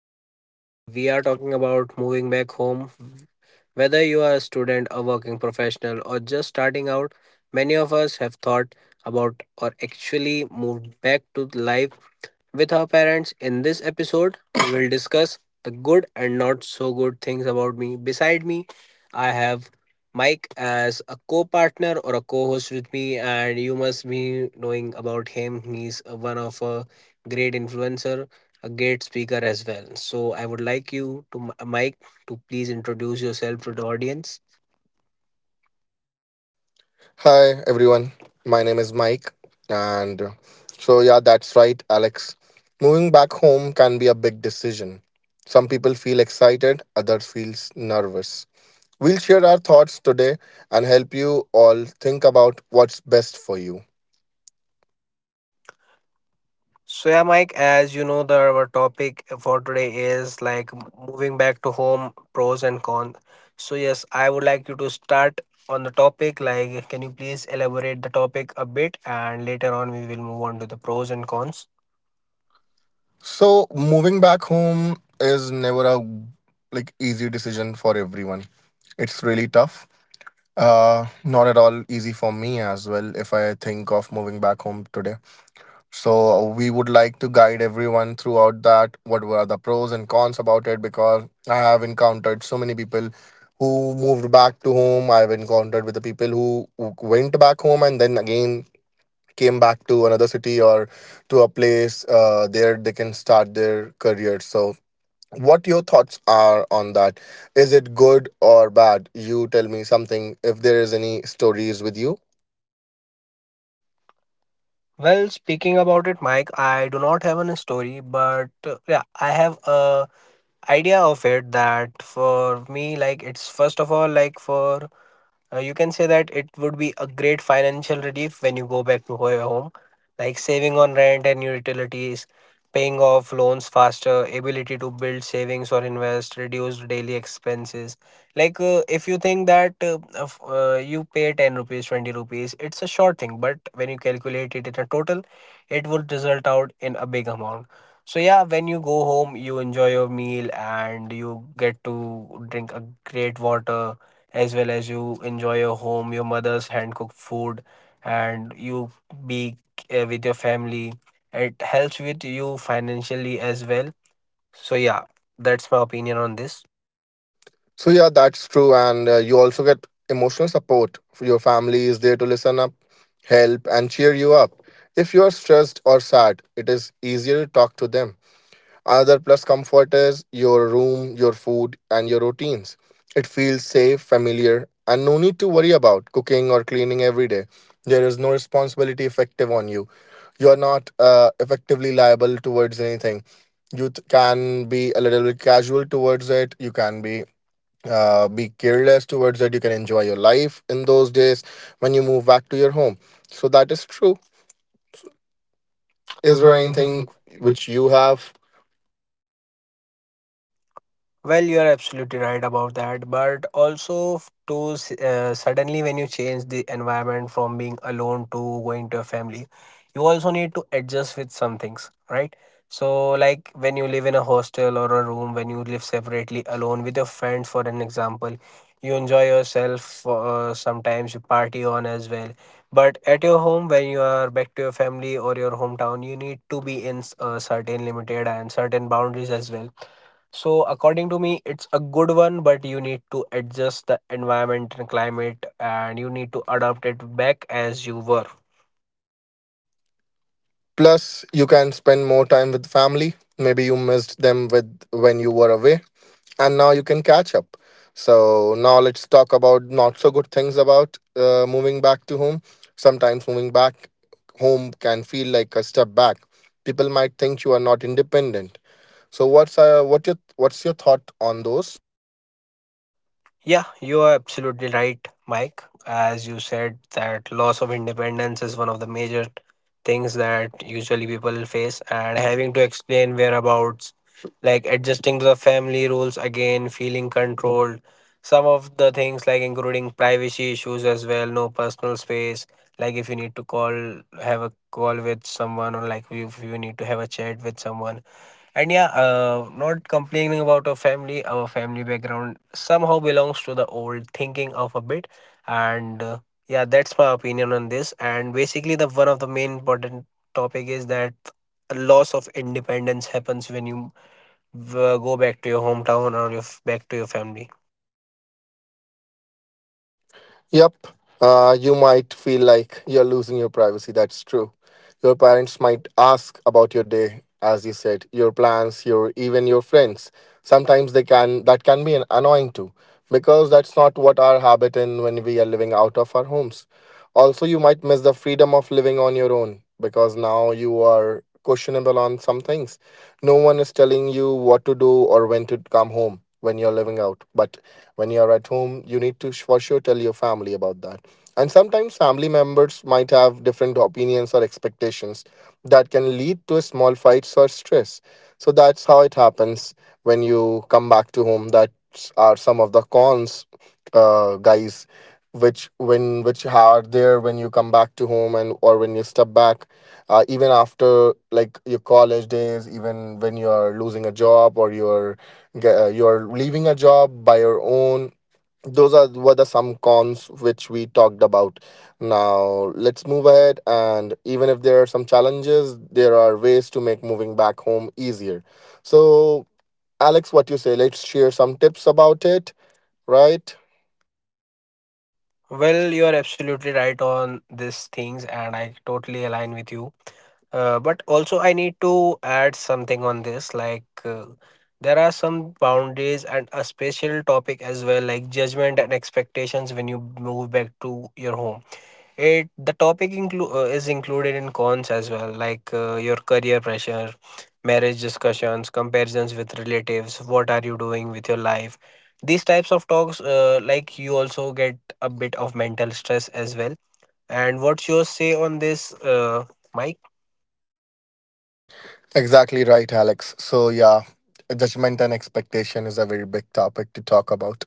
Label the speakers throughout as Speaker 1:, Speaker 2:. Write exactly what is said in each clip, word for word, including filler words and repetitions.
Speaker 1: podcast. Today, we are talking about moving back home. Whether you are a student, a working professional, or just starting out, many of us have thought about or actually moved back to life with our parents. In this episode, we'll discuss the good and not so good things about me. Beside me, I have Mike as a co partner or a co host with me, and you must be knowing about him. He's one of a great influencer, a great speaker as well. So, I would like you to, Mike, to please introduce yourself to the audience.
Speaker 2: Hi everyone, my name is Mike, and uh, so yeah, that's right, Alex. Moving back home can be a big decision. Some people feel excited, others feels nervous. We'll share our thoughts today and help you all think about what's best for you.
Speaker 1: So yeah, Mike, as you know, the our topic for today is like moving back to home, pros and cons. So yes, I would like you to start on the topic. Like, can you please elaborate the topic a bit, and later on we will move on to the pros and cons.
Speaker 2: So moving back home is never a like easy decision for everyone. It's really tough. Uh, not at all easy for me as well. If I think of moving back home today, so we would like to guide everyone throughout that. What were the pros and cons about it? Because I have encountered so many people who moved back to home. I've encountered with the people who who went back home and then again came back to another city or to a place uh, there they can start their career. So what your thoughts are on that? Is it good or bad? You tell me something if there is any stories with you.
Speaker 1: Well, speaking about it, Mike, I do not have a story, but uh, yeah, I have a idea of it that for me, like it's first of all like for Uh, you can say that it would be a great financial relief when you go back to ho- home, like saving on rent and utilities, paying off loans faster, ability to build savings or invest, reduce daily expenses. Like uh, if you think that uh, of, uh, you pay ten rupees, twenty rupees, it's a short thing, but when you calculate it in a total, it would result out in a big amount. So yeah, when you go home, you enjoy your meal and you get to drink a great water, as well as you enjoy your home, your mother's hand cooked food, and you be uh, with your family. It helps with you financially as well. So, yeah, that's my opinion on this.
Speaker 2: So yeah, that's true, and uh, you also get emotional support. Your family is there to listen up, help, and cheer you up. If you are stressed or sad, it is easier to talk to them. Another plus comfort is your room, your food, and your routines. It feels safe, familiar, and no need to worry about cooking or cleaning every day. There is no responsibility effective on you. You are not uh, effectively liable towards anything. You th- can be a little bit casual towards it. You can be uh, be careless towards it. You can enjoy your life in those days when you move back to your home. So that is true. Is
Speaker 1: Is
Speaker 2: there
Speaker 1: there
Speaker 2: anything
Speaker 1: anything?
Speaker 2: which you have?
Speaker 1: Well, you are absolutely right about that. But also, f- to s- uh, suddenly when you change the environment from being alone to going to a family, you also need to adjust with some things, right? So, like when you live in a hostel or a room, when you live separately alone with your friends, for an example, you enjoy yourself. Uh, sometimes you party on as well. But at your home, when you are back to your family or your hometown, you need to be in s- a certain limited and certain boundaries as well, so, according to me, it's a good one, but you need to adjust the environment and climate and you need to adapt it back as you were.
Speaker 2: Plus, you can spend more time with family. Maybe you missed them with when you were away, and now you can catch up. So now let's talk about not so good things about uh, moving back to home. Sometimes moving back home can feel like a step back. People might think you are not independent. So what's uh, what your what's your thought on those?
Speaker 1: Yeah, you are absolutely right, Mike. As you said, that loss of independence is one of the major things that usually people face, and having to explain whereabouts, like adjusting to the family rules again, feeling controlled. Some of the things, like including privacy issues as well, no personal space. Like if you need to call, have a call with someone, or like if you need to have a chat with someone, and yeah, uh, not complaining about our family, our family background somehow belongs to the old thinking of a bit. And uh, yeah, that's my opinion on this. And basically, the one of the main important topic is that a loss of independence happens when you uh, go back to your hometown or your back to your family.
Speaker 2: Yep. Uh, you might feel like you're losing your privacy. That's true. Your parents might ask about your day, as you said, your plans, your even your friends. Sometimes they can that can be an annoying too, because that's not what our habit in when we are living out of our homes. Also, you might miss the freedom of living on your own because now you are questionable on some things. No one is telling you what to do or when to come home when you're living out. But when you are at home you need to sh- for sure tell your family about that, and sometimes family members might have different opinions or expectations that can lead to small fights or stress. So that's how it happens when you come back to home. That are some of the cons, uh, guys, which when which are there when you come back to home and or when you step back, uh, even after like your college days, even when you're losing a job or you're Ge- uh, you're leaving a job by your own. Those are were the some cons which we talked about. Now let's move ahead, and even if there are some challenges, there are ways to make moving back home easier. So, Alex, what you say? Let's share some tips about it, right?
Speaker 1: Well, you are absolutely right on these things, and I totally align with you. Uh, but also, I need to add something on this. Like, uh, there are some boundaries and a special topic as well, like judgment and expectations when you move back to your home. It the topic inclu- uh, is included in cons as well, like uh, your career pressure, marriage discussions, comparisons with relatives. What are you doing with your life? These types of talks, uh, like you also get a bit of mental stress as well. And what's your say on this, uh, Mike?
Speaker 2: Exactly right, Alex. So, yeah, judgment and expectation is a very big topic to talk about.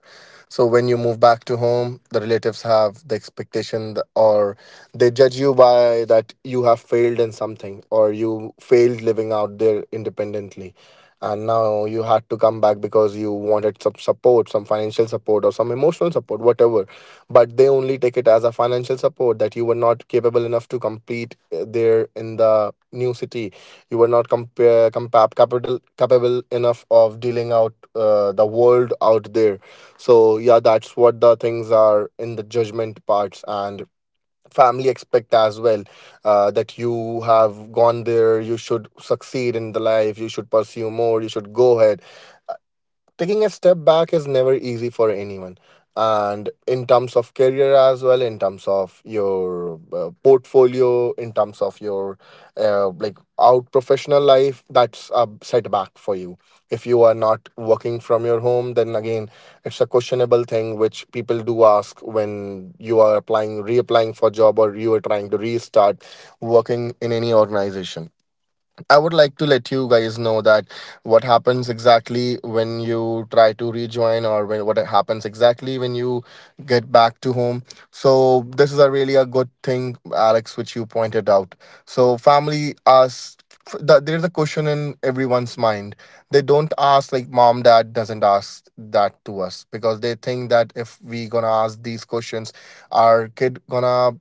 Speaker 2: So, when you move back to home, the relatives have the expectation th- or they judge you by that you have failed in something or you failed living out there independently. And now you had to come back because you wanted some support, some financial support, or some emotional support, whatever. But they only take it as a financial support that you were not capable enough to complete uh, there in the new city. You were not compare compa- capital capable enough of dealing out uh, the world out there. So yeah, that's what the things are in the judgment parts, and family expect as well uh, that you have gone there, you should succeed in the life, you should pursue more, you should go ahead. Taking a step back is never easy for anyone, and in terms of career as well, in terms of your uh, portfolio, in terms of your uh, like out professional life, that's a setback for you. If you are not working from your home, then again it's a questionable thing which people do ask when you are applying reapplying for job or you are trying to restart working in any organization. I would like to let you guys know that what happens exactly when you try to rejoin, or when what happens exactly when you get back to home. So this is a really a good thing, Alex, which you pointed out. So family asked f- there's a question in everyone's mind. They don't ask, like, mom, dad doesn't ask that to us because they think that if we gonna ask these questions, our kid gonna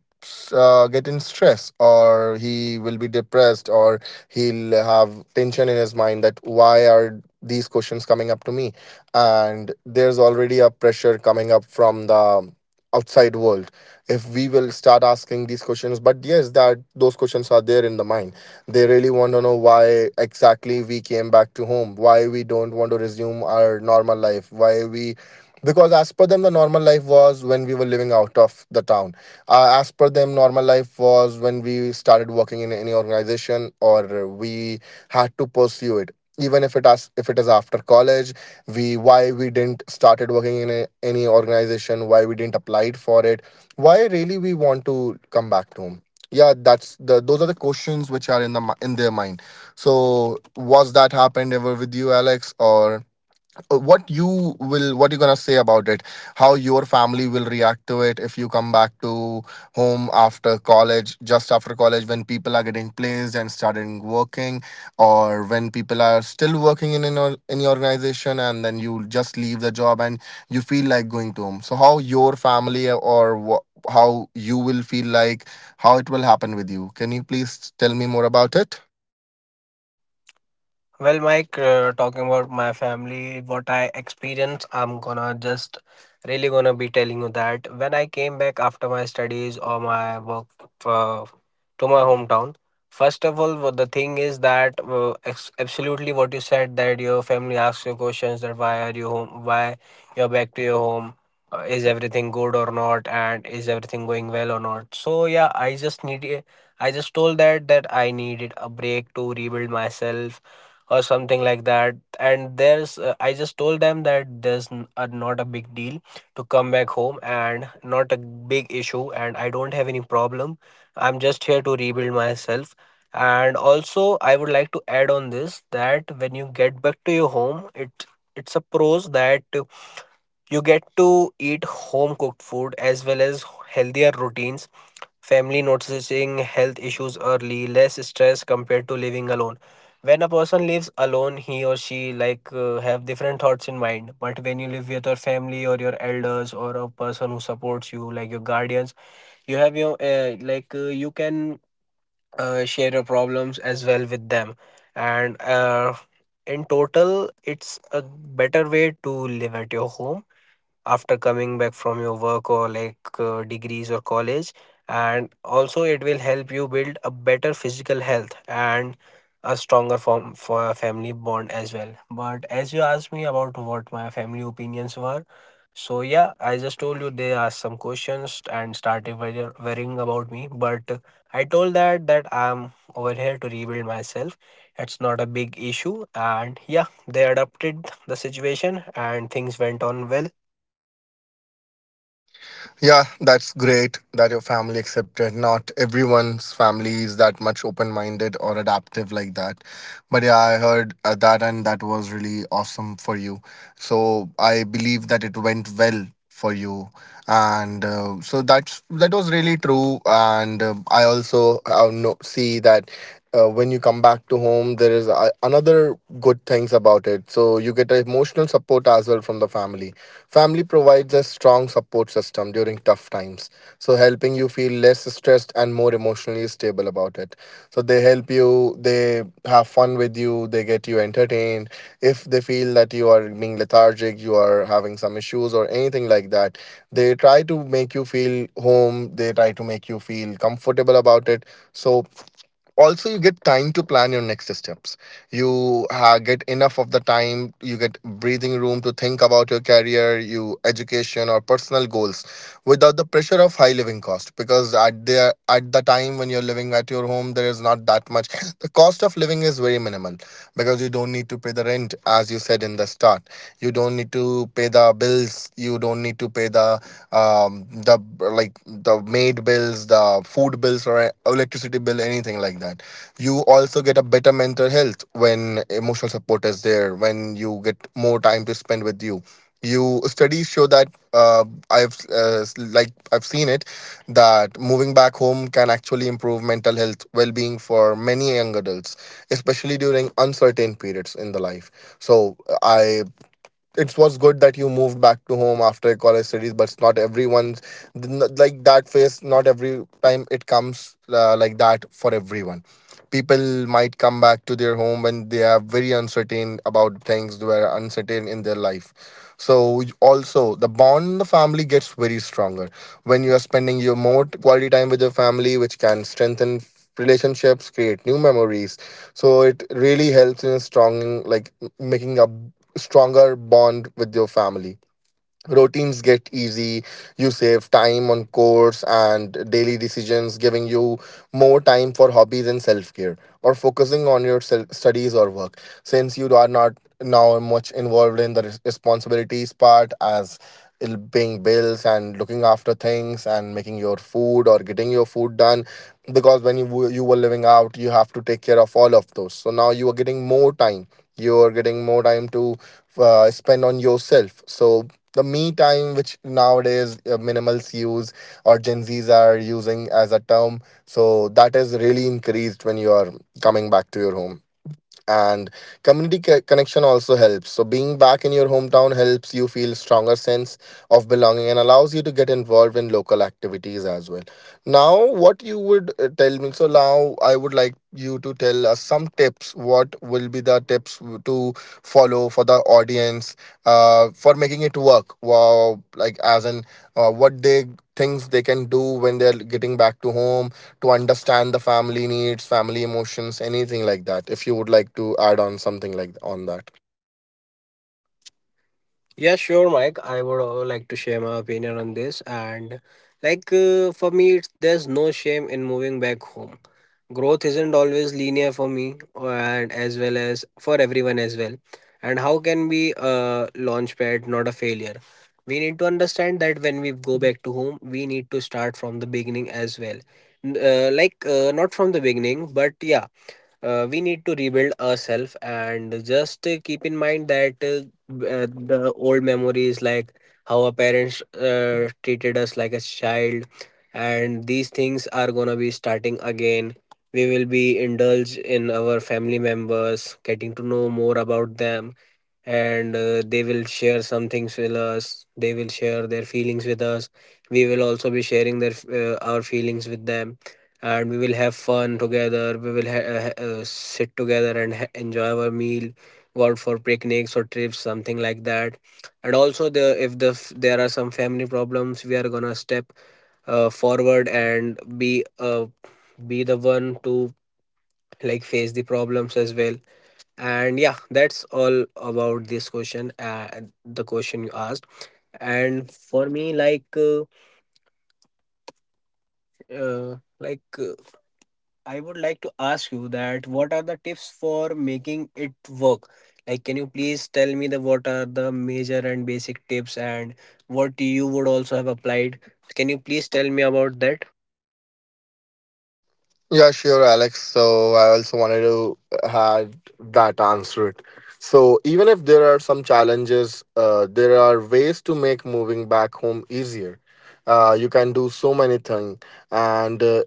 Speaker 2: uh, get in stress, or he will be depressed, or he'll have tension in his mind that why are these questions coming up to me? And there's already a pressure coming up from the outside world if we will start asking these questions. But yes, that those questions are there in the mind. They really want to know why exactly we came back to home, why we don't want to resume our normal life, why we, because as per them the normal life was when we were living out of the town. Uh, as per them normal life was when we started working in any organization or we had to pursue it, even if it as if it is after college. We why we didn't started working in a, any organization, why we didn't applied for it, why really we want to come back to home? Yeah, that's the those are the questions which are in the mi- in their mind. So was that happened ever with you, Alex, or uh, what you will what you gonna say about it? How your family will react to it if you come back to home after college, just after college when people are getting placed and starting working, or when people are still working in in, your- in your organization and then you just leave the job and you feel like going to home? So how your family, or wha, how you will feel like, how it will happen with you? Can you please tell me more about it?
Speaker 1: Well, Mike, uh, talking about my family, what I experienced, I'm gonna just really gonna be telling you that when I came back after my studies or my work uh, to my hometown, first of all, what the thing is that uh, ex- absolutely what you said, that your family asks you questions that why are you home, why you're back to your home, uh, is everything good or not, and is everything going well or not. So yeah, I just need. I just told that that I needed a break to rebuild myself or something like that, and there's uh, I just told them that there's n- uh, not a big deal to come back home and not a big issue and I don't have any problem, I'm just here to rebuild myself. And also I would like to add on this that when you get back to your home it it's a pros that you get to eat home cooked food as well as healthier routines, family noticing health issues early, less stress compared to living alone. When a person lives alone, he or she like uh, have different thoughts in mind. But when you live with your family or your elders or a person who supports you, like your guardians, you have your uh, like uh, you can uh, share your problems as well with them. And uh, in total, it's a better way to live at your home after coming back from your work or like uh, degrees or college, and also it will help you build a better physical health and a stronger form for a family bond as well. But as you asked me about what my family opinions were, so yeah, I just told you they asked some questions and started worry- worrying about me, but uh, I told that that I'm over here to rebuild myself, it's not a big issue, and yeah, they adapted the situation and things went on well.
Speaker 2: Yeah, that's great that your family accepted. Not everyone's family is that much open minded or adaptive like that. But yeah, I heard uh, that, and that was really awesome for you. So I believe that it went well for you, and uh, so that's that was really true. And uh, I also uh, no, see that uh, when you come back to home there is uh, another good things about it. So you get emotional support as well from the family. Family provides a strong support system during tough times, so helping you feel less stressed and more emotionally stable about it. So they help you, they have fun with you, they get you entertained. If they feel that you are being lethargic, you are having some issues or anything like that, they try to make you feel home, they try to make you feel comfortable about it. So also you get time to plan your next steps. You uh, get enough of the time, you get breathing room to think about your career, you education, or personal goals without the pressure of high living cost, because at the at the time when you're living at your home there is not that much the cost of living is very minimal, because you don't need to pay the rent as you said in the start, you don't need to pay the bills, you don't need to pay the um, the the like the maid bills, the food bills, or electricity bill, anything like that. You also get a better mental health when emotional support is there, when you get more time to spend with you. You studies show that uh, i've uh, like i've seen it, that moving back home can actually improve mental health well-being for many young adults, especially during uncertain periods in the life. So i it was good that you moved back to home after college studies, but it's not everyone's, like that phase not every time it comes uh, like that for everyone. People might come back to their home when they are very uncertain about things, they were uncertain in their life. So y- also the bond in the family gets very stronger when you are spending your more t- quality time with your family, which can strengthen f- relationships, create new memories. So it really helps in strong, like, m- making a b- stronger bond with your family. Routines get easy, you save time on course and daily decisions, giving you more time for hobbies and self-care, or focusing on your sel- studies or work, since you are not now much involved in the res- responsibilities part, as il- paying bills and looking after things and making your food or getting your food done. Because when you w- you were living out you have to take care of all of those, so now you are getting more time, you are getting more time to uh, spend on yourself. So the me time, which nowadays uh, minimals use or gen z's are using as a term, so that is really increased when you are coming back to your home. And community co- connection also helps, so being back in your hometown helps you feel stronger sense of belonging and allows you to get involved in local activities as well. Now what you would uh, tell me, so now I would like you to tell us some tips. What will be the tips w- to follow for the audience uh, for making it work, wow, like, as in, uh, what they, things they can do when they're getting back to home, to understand the family needs, family emotions, anything like that. If you would like to add on something like on that.
Speaker 1: Yeah, sure, Mike. I would uh, like to share my opinion on this. And like uh, for me, it's, there's no shame in moving back home. Growth isn't always linear for me, uh, and as well as for everyone as well. And how can we uh, launchpad not a failure? We need to understand that when we go back to home, we need to start from the beginning as well. N- Uh, like uh, not from the beginning, but yeah, uh, we need to rebuild ourselves and just uh, keep in mind that uh, b- uh, the old memories, like how our parents uh, treated us like a child, and these things are gonna be starting again. We will be indulged in our family members, getting to know more about them, and uh, they will share some things with us, they will share their feelings with us, we will also be sharing their f- uh, our feelings with them, and we will have fun together, we will ha- uh, ha- uh, sit together and ha- enjoy our meal, go out for picnics or trips, something like that. And also the if the f- there are some family problems, we are gonna step uh, forward and be uh, be the one to like face the problems as well. And yeah, that's all about this question, uh, and the question you asked. And for me, like, uh, uh, like uh, I would like to ask you that what are the tips for making it work? Like, can you please tell me the what are the major and basic tips and what you would also have applied? Can you please tell me about that?
Speaker 2: Yeah, sure, Alex. So I also wanted to add that answer it. So even if there are some challenges, uh, there are ways to make moving back home easier. Uh, you can do so many things. And uh,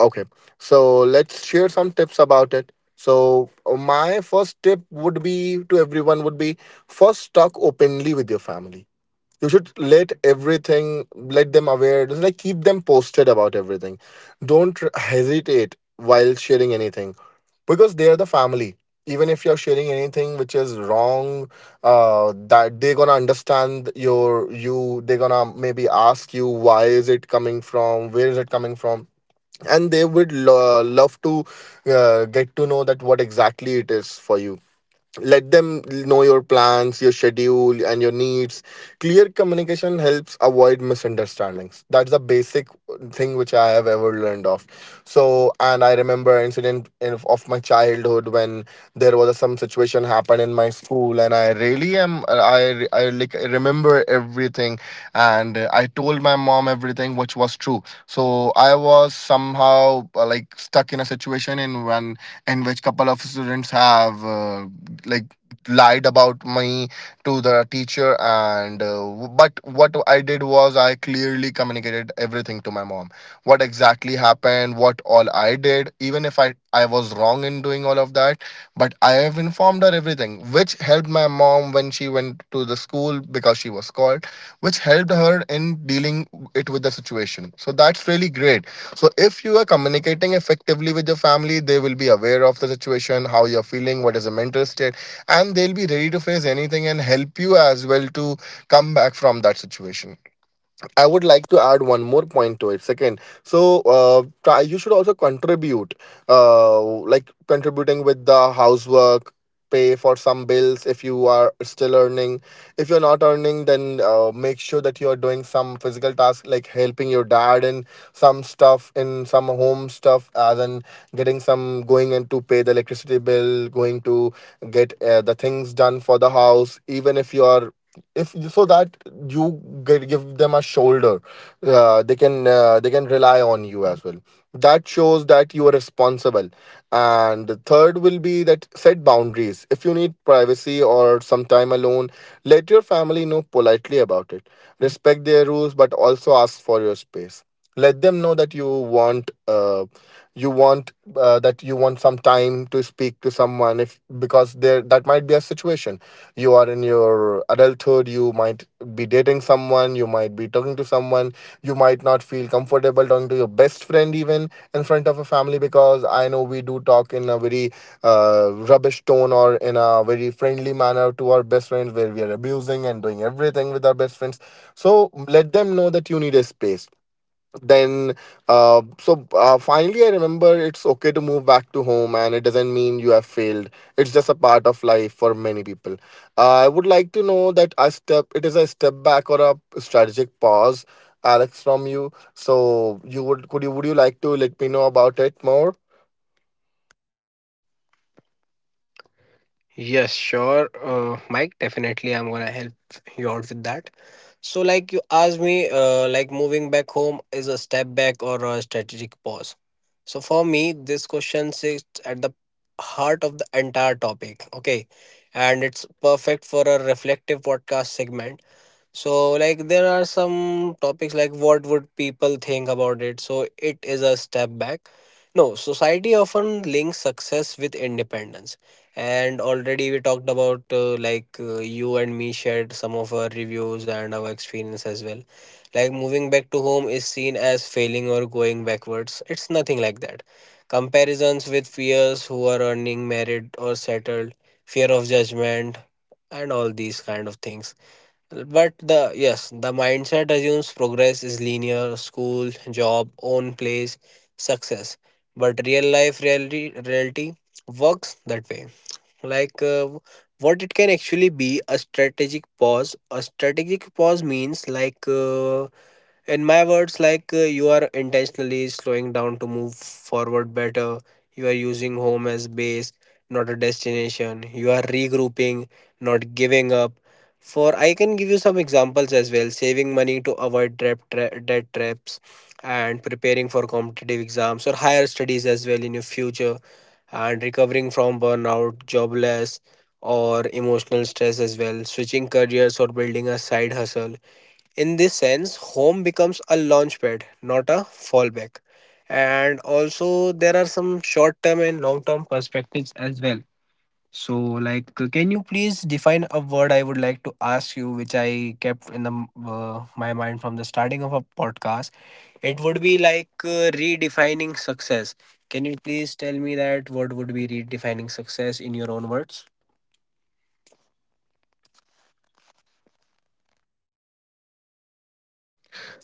Speaker 2: okay, so let's share some tips about it. So my first tip would be to everyone would be, first, talk openly with your family. You should let everything, let them aware, just like keep them posted about everything. Don't r- hesitate while sharing anything, because they are the family. Even if you're sharing anything which is wrong, uh that they're gonna understand your you they're gonna maybe ask you why is it coming from, where is it coming from. And they would lo- love to uh, get to know that what exactly it is for you. Let them know your plans, your schedule, and your needs. Clear communication helps avoid misunderstandings. That's the basic thing which I have ever learned of. So, and I remember an incident in, of my childhood, when there was some situation happened in my school, and I really am I I like remember everything, and I told my mom everything which was true. So I was somehow uh, like stuck in a situation, in one in which couple of students have uh, like lied about me to the teacher, and uh, w- but what I did was I clearly communicated everything to my mom, what exactly happened, what all I did, even if i i was wrong in doing all of that. But I have informed her everything, which helped my mom when she went to the school, because she was called, which helped her in dealing it with the situation. So that's really great. So if you are communicating effectively with your family, they will be aware of the situation, how you're feeling, what is the mental state, and they'll be ready to face anything and help you as well to come back from that situation. I would like to add one more point to it. Second, so uh, try, you should also contribute, uh, like contributing with the housework, pay for some bills if you are still earning. If you're not earning, then uh, make sure that you're doing some physical tasks like helping your dad in some stuff, in some home stuff, as in getting some, going and to pay the electricity bill, going to get uh, the things done for the house, even if you are, if so that you get, give them a shoulder, uh, they can uh, they can rely on you as well. That shows that you are responsible. And the third will be that, set boundaries. If you need privacy or some time alone, let your family know politely about it. Respect their rules but also ask for your space. Let them know that you want uh, you want uh, that you want some time to speak to someone, if because there that might be a situation, you are in your adulthood, you might be dating someone, you might be talking to someone, you might not feel comfortable talking to your best friend even in front of a family, because I know we do talk in a very uh, rubbish tone or in a very friendly manner to our best friends, where we are abusing and doing everything with our best friends. So let them know that you need a space. Then uh, so uh, finally I remember, it's okay to move back to home and it doesn't mean you have failed. It's just a part of life for many people. Uh, i would like to know that I step it is a step back or a strategic pause, Alex, from you. So you would could you would you like to let me know about it more?
Speaker 1: Yes, sure, uh, Mike. Definitely, I'm gonna help you out with that. So, like you asked me, uh, like moving back home is a step back or a strategic pause. So, for me, this question sits at the heart of the entire topic. Okay, and it's perfect for a reflective podcast segment. So, like, there are some topics like what would people think about it? So, it is a step back. No, society often links success with independence. And already we talked about, uh, like, uh, you and me shared some of our reviews and our experience as well. Like, moving back to home is seen as failing or going backwards. It's nothing like that. Comparisons with peers who are earning, married, or settled, fear of judgment, and all these kind of things, but the yes, the mindset assumes progress is linear, school, job, own place, success. But real life reality reality works that way. Like uh, what it can actually be a strategic pause. A strategic pause means like uh, in my words like uh, you are intentionally slowing down to move forward better, you are using home as base, not a destination, you are regrouping, not giving up. For I can give you some examples as well: saving money to avoid trap tra- debt traps and preparing for competitive exams or higher studies as well in your future, and recovering from burnout, jobless or emotional stress as well, switching careers or building a side hustle. In this sense, home becomes a launchpad, not a fallback. And also, there are some short term and long term perspectives as well. So, like, can you please define a word I would like to ask you, which I kept in the uh, my mind from the starting of a podcast? It would be like uh, redefining success. Can you please tell me that what would be redefining success in your own words?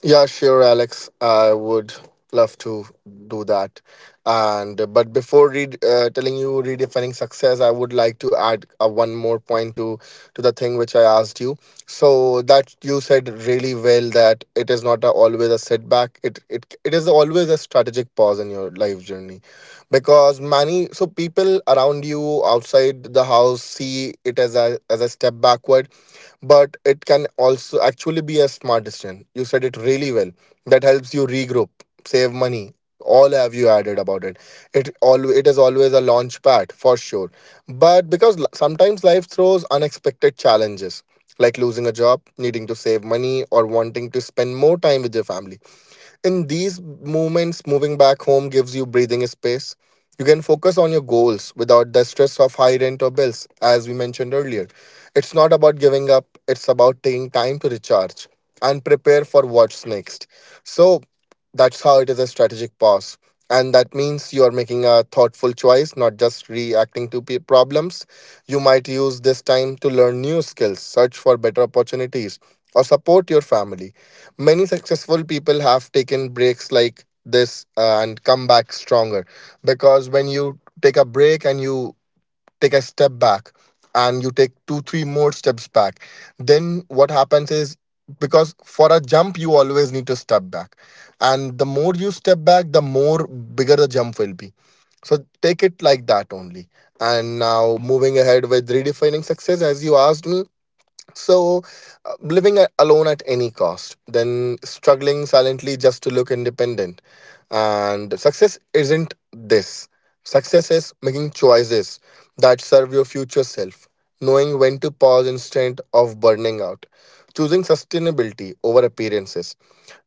Speaker 2: Yeah, sure, Alex. I would love to do that. And uh, but before read, uh, telling you redefining success, I would like to add uh, one more point to to the thing which I asked you. So that, you said really well that it is not a, always a setback. It it it is always a strategic pause in your life journey, because many, so, people around you outside the house see it as a as a step backward. But it can also actually be a smart decision. You said it really well. That helps you regroup, save money. All have you added about it. It all it is always a launch pad for sure. But because, l- sometimes life throws unexpected challenges, like losing a job, needing to save money, or wanting to spend more time with your family. In these moments, moving back home gives you breathing space. You can focus on your goals without the stress of high rent or bills, as we mentioned earlier. It's not about giving up, it's about taking time to recharge and prepare for what's next. So that's how it is a strategic pause. And that means you are making a thoughtful choice, not just reacting to pe- problems. You might use this time to learn new skills, search for better opportunities, or support your family. Many successful people have taken breaks like this uh, and come back stronger, because when you take a break and you take a step back, and you take two, three more steps back, then what happens is, because for a jump, you always need to step back. And the more you step back, the more bigger the jump will be. So take it like that only. And now moving ahead with redefining success, as you asked me, so, uh, living a- alone at any cost, then struggling silently just to look independent. And success isn't this. Success is making choices that serve your future self, knowing when to pause instead of burning out, choosing sustainability over appearances.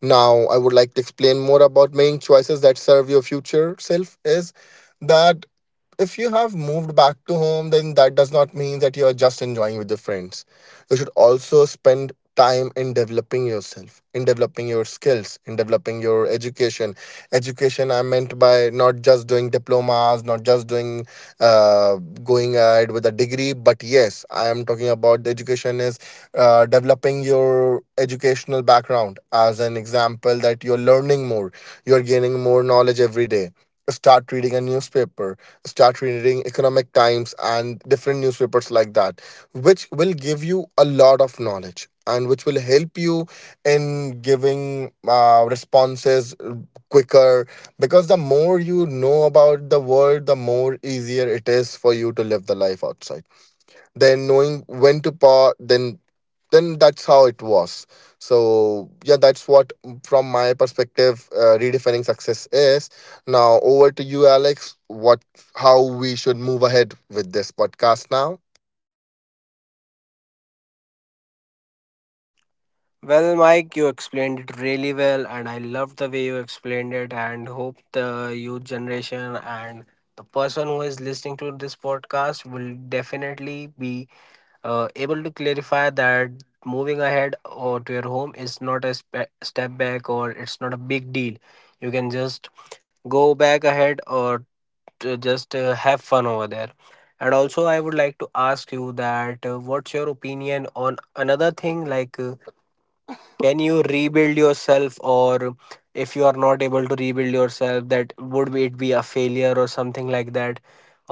Speaker 2: Now, I would like to explain more about making choices that serve your future self is that, if you have moved back to home, then that does not mean that you are just enjoying with your friends. You should also spend time in developing yourself, in developing your skills, in developing your education. Education, I meant by not just doing diplomas, not just doing, uh, going ahead with a degree, but yes I am talking about the education is uh, developing your educational background, as an example that you're learning more, you're gaining more knowledge every day. Start reading a newspaper, start reading Economic Times and different newspapers like that, which will give you a lot of knowledge and which will help you in giving uh, responses quicker, because the more you know about the world, the more easier it is for you to live the life outside. Then knowing when to pause, then then that's how it was. So yeah, that's what, from my perspective, uh, redefining success is. Now over to you, Alex. What How we should move ahead with this podcast now?
Speaker 1: Well, Mike, you explained it really well, and I love the way you explained it, and hope the youth generation and the person who is listening to this podcast will definitely be uh, able to clarify that moving ahead or to your home is not a spe- step back or it's not a big deal. You can just go back ahead or to just uh, have fun over there. And also, I would like to ask you that uh, what's your opinion on another thing like. Uh, can you rebuild yourself, or if you are not able to rebuild yourself, that would be- it be a failure or something like that,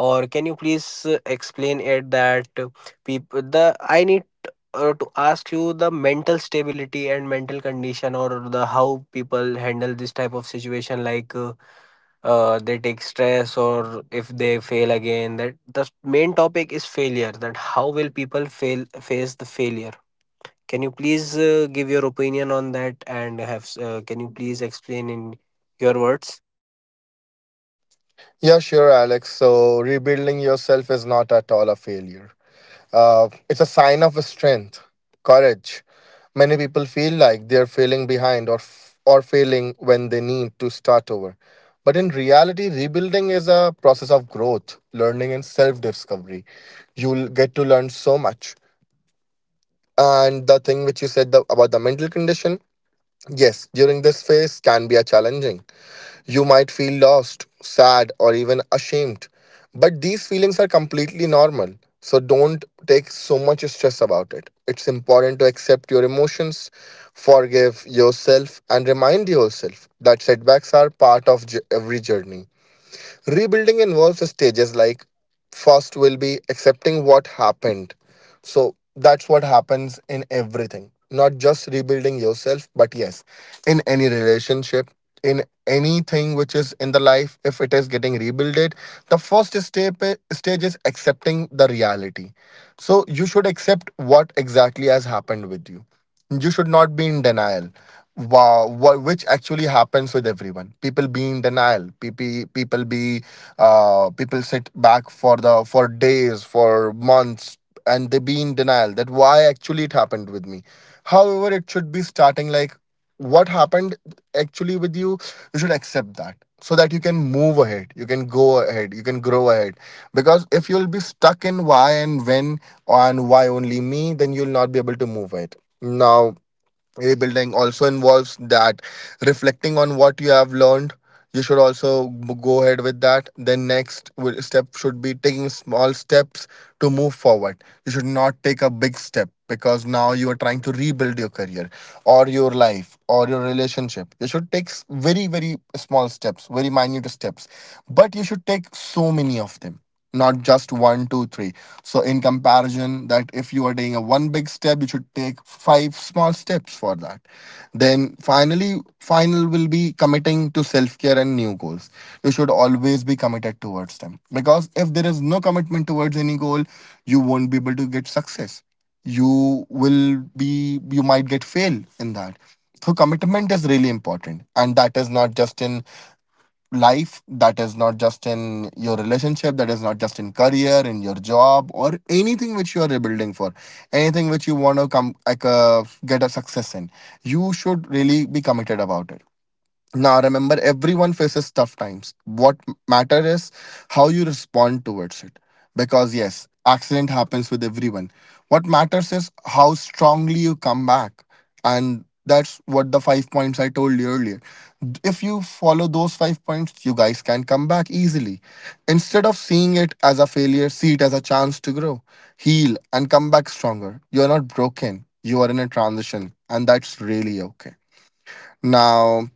Speaker 1: or can you please uh, explain it that people the I need uh, to ask you the mental stability and mental condition, or the how people handle this type of situation, like uh, uh, they take stress or if they fail again, that the main topic is failure, that how will people fail face the failure. Can you please uh, give your opinion on that, and have uh, can you please explain in your words?
Speaker 2: Yeah, sure, Alex. So rebuilding yourself is not at all a failure. Uh, it's a sign of strength, courage. Many people feel like they're failing behind, or f- or failing when they need to start over. But in reality, rebuilding is a process of growth, learning, and self-discovery. You'll get to learn so much. And the thing which you said, the, about the mental condition, yes, during this phase can be a challenging. You might feel lost, sad, or even ashamed. But these feelings are completely normal. So don't take so much stress about it. It's important to accept your emotions, forgive yourself, and remind yourself that setbacks are part of j- every journey. Rebuilding involves stages like first will be accepting what happened. So that's what happens in everything. Not just rebuilding yourself, but yes, in any relationship, in anything which is in the life, if it is getting rebuilded, the first step stage is accepting the reality. So you should accept what exactly has happened with you. You should not be in denial wow, wha- which actually happens with everyone. People be in denial. People people be uh, people sit back for the for days, for months, and they be in denial that why actually it happened with me. However, it should be starting like what happened actually with you. You should accept that so that you can move ahead. You can go ahead. You can grow ahead. Because if you'll be stuck in why and when and why only me, then you'll not be able to move ahead. Now rebuilding also involves that reflecting on what you have learned. You should also b- go ahead with that. Then next will- step should be taking small steps to move forward. You should not take a big step, because now you are trying to rebuild your career or your life or your relationship. You should take s- very very small steps, very minute steps, but you should take so many of them, not just one two three. So, in comparison, that if you are taking a one big step, you should take five small steps for that. Then, finally, final will be committing to self care and new goals. You should always be committed towards them, because if there is no commitment towards any goal, you won't be able to get success. You will be, you might get fail in that. So commitment is really important, and that is not just in life, that is not just in your relationship, that is not just in career, in your job, or anything which you are rebuilding for, anything which you want to come like uh, get a success in. You should really be committed about it. Now, remember, everyone faces tough times. What m- matter is how you respond towards it. Because yes, accident happens with everyone. What matters is how strongly you come back. And that's what the five points I told you earlier. D- If you follow those five points, you guys can come back easily. Instead of seeing it as a failure, see it as a chance to grow, heal, and come back stronger. You're not broken. You are in a transition, and that's really okay. Now,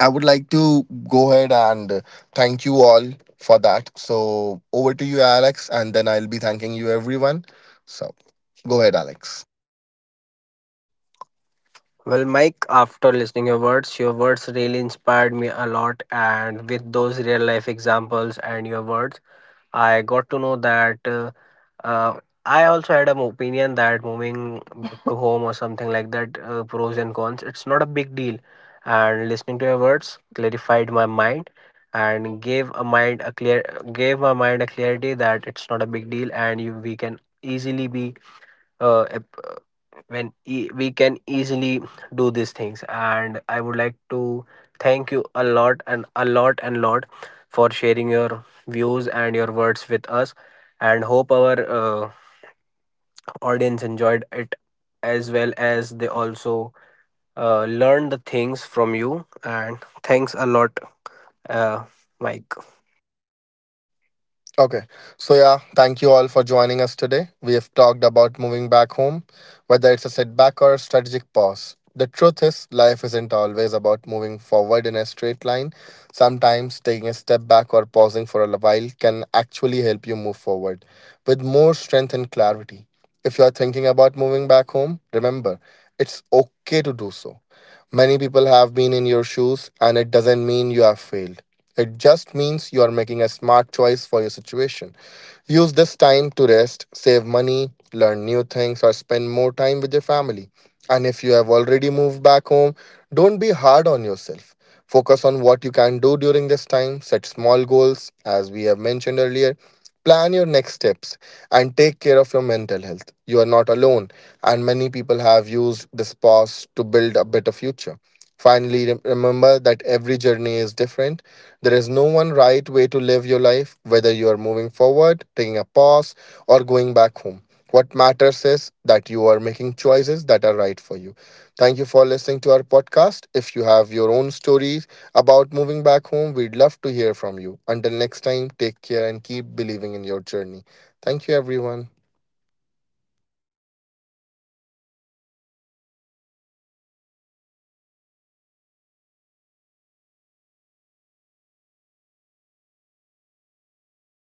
Speaker 2: I would like to go ahead and thank you all for that. So over to you, Alex, and then I'll be thanking you, everyone. So go ahead, Alex.
Speaker 1: Well, Mike, after listening your words, your words really inspired me a lot, and with those real life examples and your words I got to know that uh, uh, I also had an opinion that moving back to home or something like that, uh, pros and cons, it's not a big deal. And listening to your words clarified my mind and gave a mind a clear gave my mind a clarity that it's not a big deal, and you we can easily be uh, ap- when e- we can easily do these things, and I would like to thank you a lot and a lot and lot for sharing your views and your words with us, and hope our uh, audience enjoyed it as well as they also uh, learned the things from you, and thanks a lot, uh, Mike.
Speaker 2: Okay. So, yeah, thank you all for joining us today. We have talked about moving back home, whether it's a setback or a strategic pause. The truth is, life isn't always about moving forward in a straight line. Sometimes taking a step back or pausing for a while can actually help you move forward with more strength and clarity. If you are thinking about moving back home, remember, it's okay to do so. Many people have been in your shoes, and it doesn't mean you have failed. It just means you are making a smart choice for your situation. Use this time to rest, save money, learn new things, or spend more time with your family. And if you have already moved back home, don't be hard on yourself. Focus on what you can do during this time, set small goals, as we have mentioned earlier. Plan your next steps and take care of your mental health. You are not alone, and many people have used this pause to build a better future. Finally, rem- remember that every journey is different. There is no one right way to live your life, whether you are moving forward, taking a pause, or going back home. What matters is that you are making choices that are right for you. Thank you for listening to our podcast. If you have your own stories about moving back home, we'd love to hear from you. Until next time, take care and keep believing in your journey. Thank you, everyone.